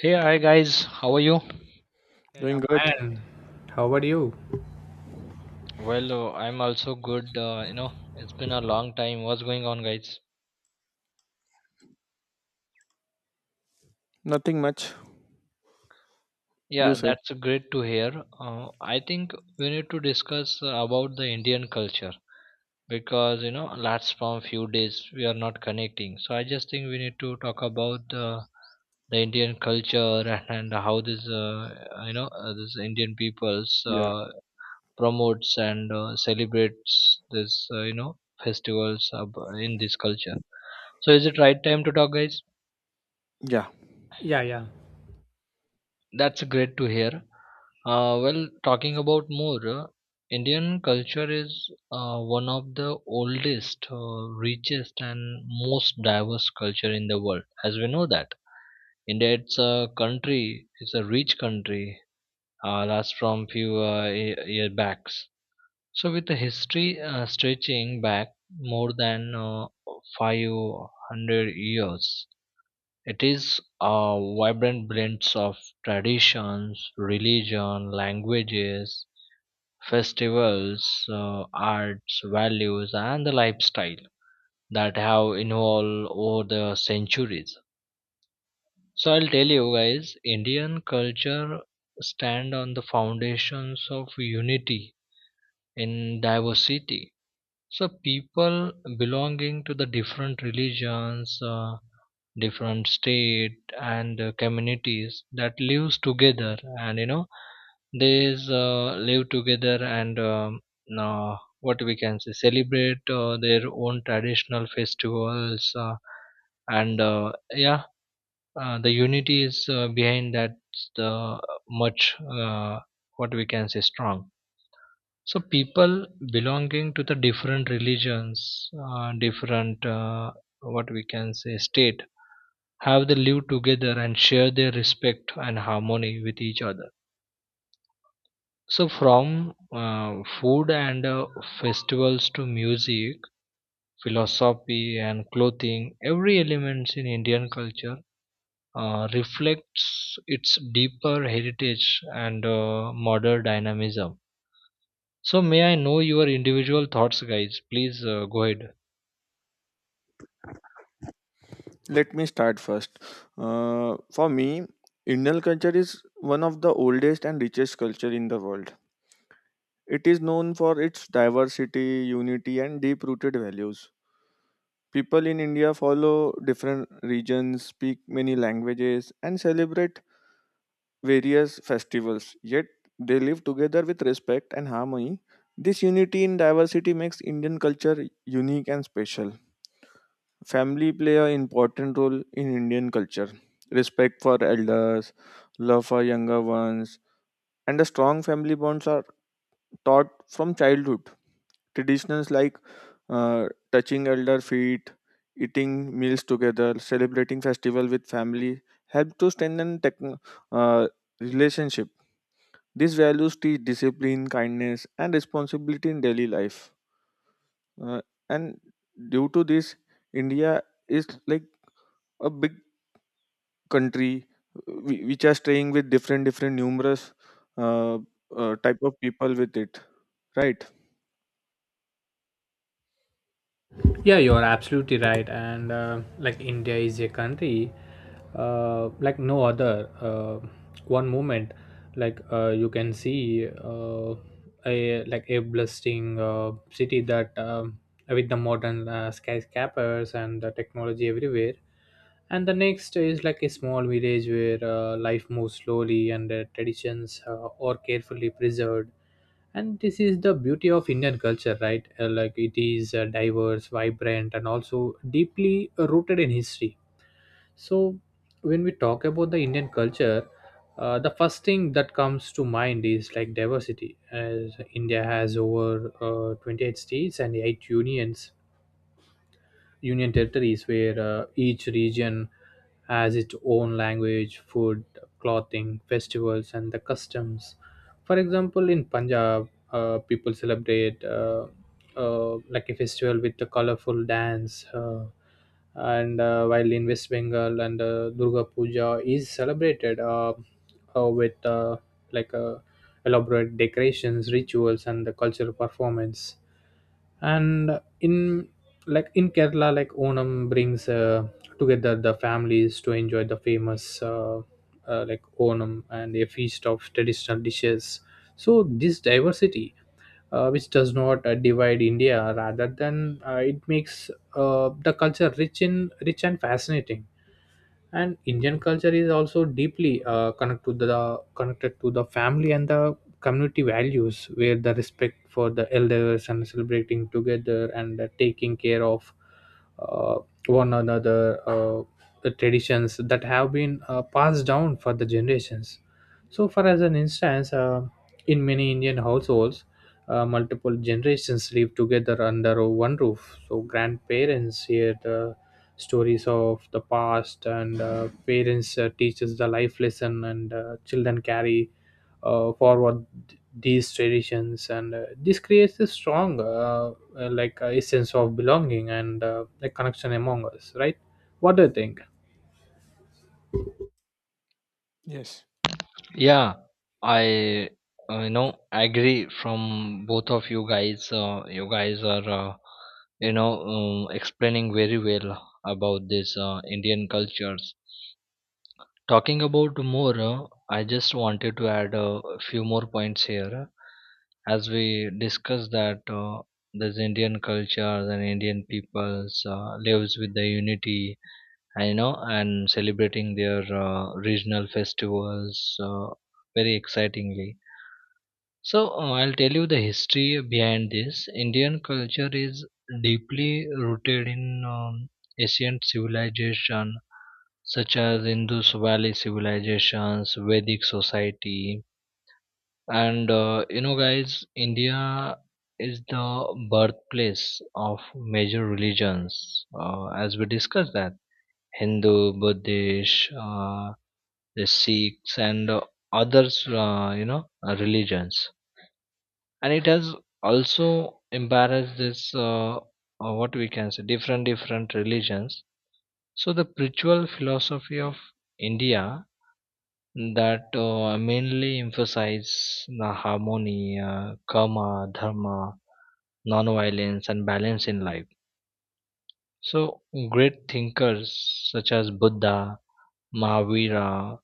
Hey, hi guys, how are you? Yeah, yeah, Doing good. fine. How about you? Well, I'm also good. It's been a long time. What's going on, guys? Nothing much. You Yeah, say. that's great to hear. I think we need to discuss about the Indian culture because you know, last from few days we are not connecting. So I just think we need to talk about the Indian culture and how this this Indian people's Yeah. Promotes and celebrates this festivals of, in this culture. So is it right time to talk, guys? Yeah. Yeah, yeah, That's great to hear. Well, talking about more, indian culture is one of the oldest, richest and most diverse culture in the world. As we know that india, it's a country, it's a rich country, last from few year backs. So, with the history stretching back more than 500 years, it is a vibrant blend of traditions, religion, languages, festivals, arts, values, and the lifestyle that have evolved over the centuries. So, I'll tell you guys, Indian culture stand on the foundations of unity in diversity. So people belonging to the different religions, different state and communities that lives together, and they live together and what we can say celebrate their own traditional festivals, and yeah, the unity is behind that the much, uh, what we can say, strong. So people belonging to the different religions, different, what we can say, state, have they live together and share their respect and harmony with each other. So from food and festivals to music, philosophy and clothing, every element in Indian culture reflects its deeper heritage and modern dynamism. So may I know your individual thoughts, guys? Please go ahead. Let me start first. For me, Indian culture is one of the oldest and richest culture in the world. It is known for its diversity, unity, and deep-rooted values. People in India follow different regions, speak many languages, and celebrate various festivals. Yet they live together with respect and harmony. This unity in diversity makes Indian culture unique and special. Family play an important role in Indian culture. Respect for elders, love for younger ones, and the strong family bonds are taught from childhood. Traditions like uh, touching elder feet, eating meals together, celebrating festival with family help to strengthen techn uh, relationship. These values teach discipline, kindness, and responsibility in daily life. Uh, and due to this, India is like a big country which are staying with different different numerous uh, type of people with it, right? yeah, you're absolutely right. And like India is a country, like no other. One moment, like you can see a like a blessing city that with the modern skyscrapers and the technology everywhere. And the next is like a small village where life moves slowly and the traditions are carefully preserved, and this is the beauty of indian culture, right? Like it is diverse, vibrant, and also deeply rooted in history. So when we talk about the indian culture, the first thing that comes to mind is like diversity, as india has over 28 states and 8 unions, union territories, where each region has its own language, food, clothing, festivals, and the customs. For example, in Punjab, people celebrate like a festival with a colorful dance, and while in West Bengal, and Durga Puja is celebrated with like uh, elaborate decorations, rituals, and the cultural performance. And in like in kerala, like onam brings together the families to enjoy the famous like onam and a feast of traditional dishes. So this diversity, which does not divide india, rather than it makes the culture rich and fascinating. And indian culture is also deeply connected to the family and the community values, where the respect for the elders and celebrating together and taking care of uh, one another, uh, the traditions that have been passed down for the generations. So for as an instance, in many indian households, multiple generations live together under one roof, so grandparents here the stories of the past and parents teaches the life lesson and children carry forward these traditions, and this creates a strong a sense of belonging and a connection among us, right? What do you think? Yes. Yeah, I agree from both of you guys. You guys are explaining very well about this Indian cultures. Talking about more, I just wanted to add a few more points here. As we discussed that, this Indian culture and Indian peoples lives with the unity, and you know, and celebrating their regional festivals very excitingly. So I'll tell you the history behind this indian culture is deeply rooted in, um, ancient civilization such as indus valley civilizations, vedic society. And you know guys, india is the birthplace of major religions, as we discussed, that Hindu, Buddhist, the Sikhs and others, you know, religions. And it has also embarrassed this, what we can say, different religions. So the spiritual philosophy of India, that mainly emphasize the harmony, karma, dharma, non-violence, and balance in life. So great thinkers such as Buddha, Mahavira,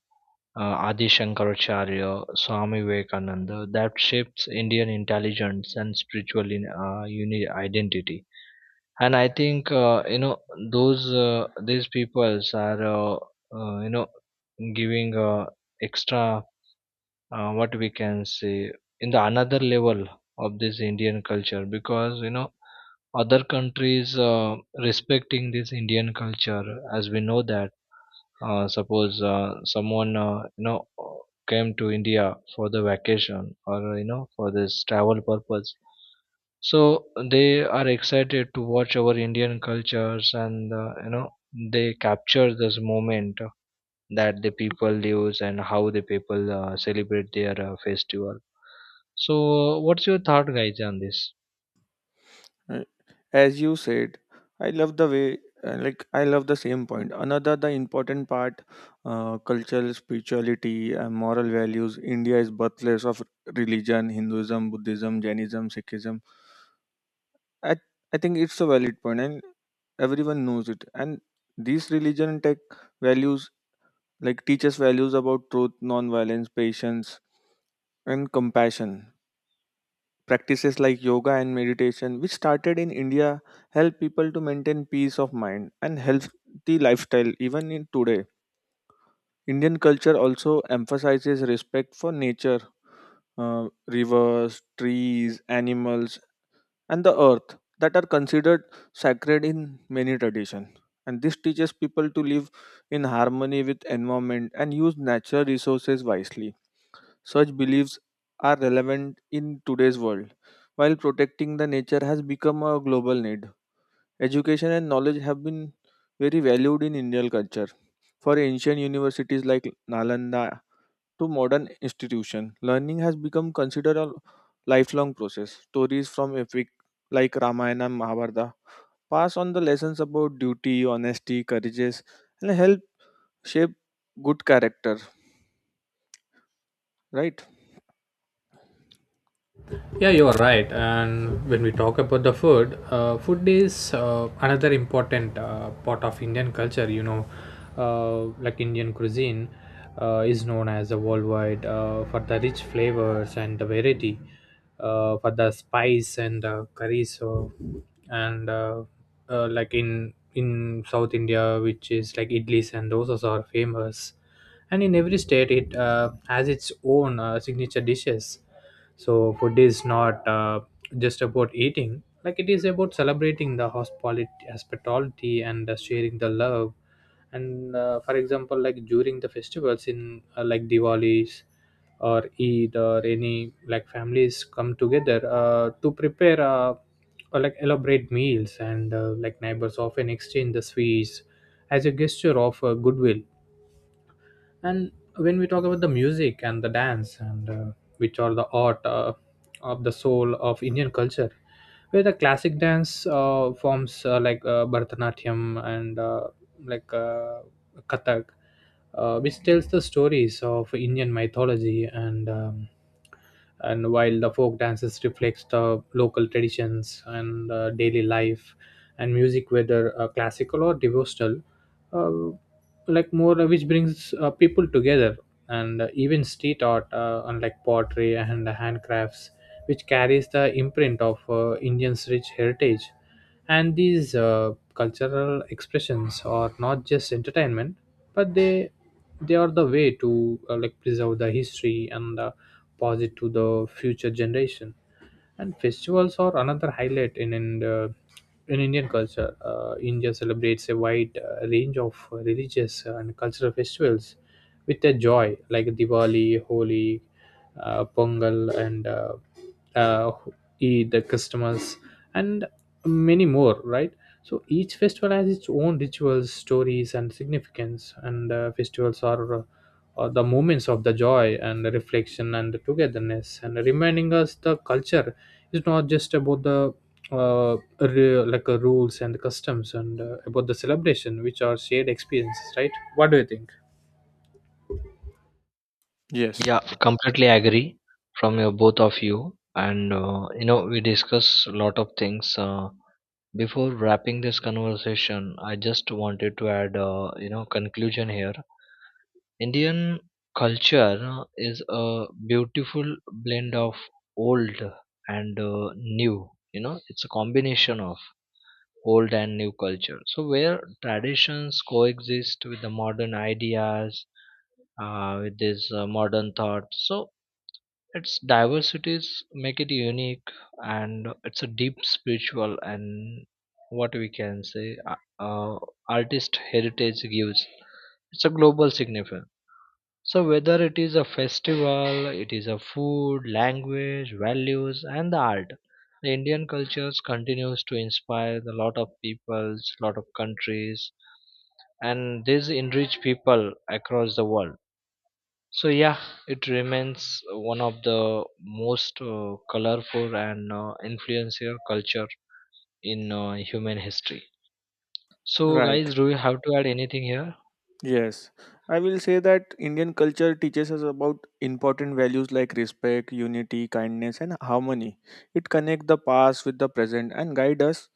Adi Shankaracharya, Swami Vivekananda, that shapes Indian intelligence and spiritual identity. And I think, those, these peoples are, uh, you know giving extra, what we can say, in the another level of this Indian culture, because you know, other countries respecting this Indian culture. As we know that, suppose someone came to india for the vacation, or you know, for this travel purpose. So they are excited to watch our indian cultures, and you know, they capture this moment that the people lives and how the people celebrate their festival. So what's your thought, guys, on this? Uh, as you said, I love the way, like I love the same point, another the important part, cultural spirituality and moral values. India is birthplace of religion, hinduism, buddhism, jainism, sikhism. i, I think it's a valid point, and everyone knows it, and these religion take values like teaches values about truth, nonviolence, patience, and compassion. Practices like yoga and meditation, which started in India, help people to maintain peace of mind and healthy lifestyle even in today. Indian culture also emphasizes respect for nature, rivers, trees, animals, and the earth that are considered sacred in many traditions. And this teaches people to live in harmony with environment and use natural resources wisely. Such beliefs are relevant in today's world, while protecting the nature has become a global need. Education and knowledge have been very valued in Indian culture. For ancient universities like Nalanda to modern institutions, learning has become considered a lifelong process. Stories from epic like Ramayana and Mahabharata pass on the lessons about duty, honesty, courageous, and help shape good character. Right? Yeah, you're right. And when we talk about the food, food is another important part of Indian culture. You know, like Indian cuisine is known as a worldwide for the rich flavors and the variety, for the spice and curry. So, and like in South India, which is like idlis and dosas are famous. And in every state, it has its own signature dishes. So food is not just about eating; like it is about celebrating the hospitality, hospitality and sharing the love. And for example, like during the festivals in like Diwali's or Eid or any, like families come together to prepare or like elaborate meals, and like neighbors often exchange the sweets as a gesture of goodwill. And when we talk about the music and the dance and which are the art of the soul of indian culture, where the classic dance forms like bharatanatyam and like uh, kathak, which tells the stories of indian mythology and while the folk dances reflects the local traditions and daily life. And music, whether classical or devotional, uh, like more which brings people together, and even street art, unlike pottery and handcrafts, which carries the imprint of indians rich heritage. And these cultural expressions are not just entertainment, but they are the way to like preserve the history and pass it to the future generation. And festivals are another highlight in Indian culture. India celebrates a wide range of religious and cultural festivals with a joy, like Diwali, Holi, Pongal, and uh, Eid, the Christmas, and many more, right? So each festival has its own rituals, stories, and significance. And festivals are the moments of the joy and the reflection and the togetherness, and reminding us the culture is not just about the rules and customs and about the celebration, which are shared experiences, right? What do you think? Yes. Yeah, completely agree from your both of you. And you know, we discuss a lot of things, before wrapping this conversation, I just wanted to add a, you know, conclusion here. Indian culture is a beautiful blend of old and new. You know, it's a combination of old and new culture. So where traditions coexist with the modern ideas, with this modern thought. So its diversities make it unique, and it's a deep spiritual and, what we can say, uh, artist heritage gives. It's a global significance. So whether it is a festival, it is a food, language, values, and the art, the Indian cultures continues to inspire a lot of peoples, lot of countries, and these enrich people across the world. So yeah, it remains one of the most colorful and influential culture in human history. So Right. guys, do you have to add anything here? Yes, I will say that Indian culture teaches us about important values like respect, unity, kindness, and harmony. It connects the past with the present and guide us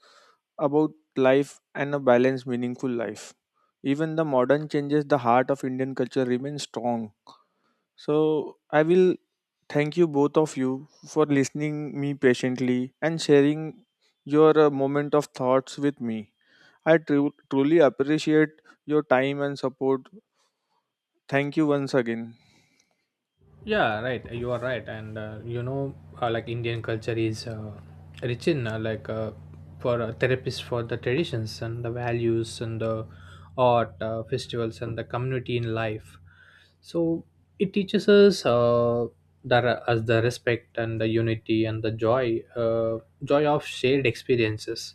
about life and a balanced, meaningful life. Even the modern changes, the heart of Indian culture remains strong. So I will thank you both of you for listening me patiently and sharing your moment of thoughts with me. I truly appreciate your time and support. Thank you once again. Yeah, right. You are right, and you know, like Indian culture is rich in like for therapists for the traditions and the values and the art, festivals and the community in life. So it teaches us that as the respect and the unity and the joy, joy of shared experiences.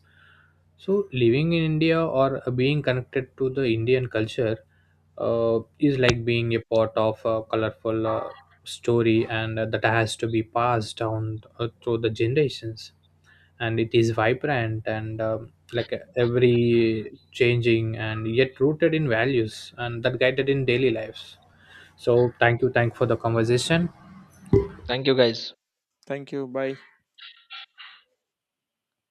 So living in India or being connected to the Indian culture is like being a part of a colorful story and that has to be passed down through the generations. And it is vibrant and every changing and yet rooted in values, and that guided in daily lives. So thank you, thank for the conversation. Thank you, guys. Thank you. Bye.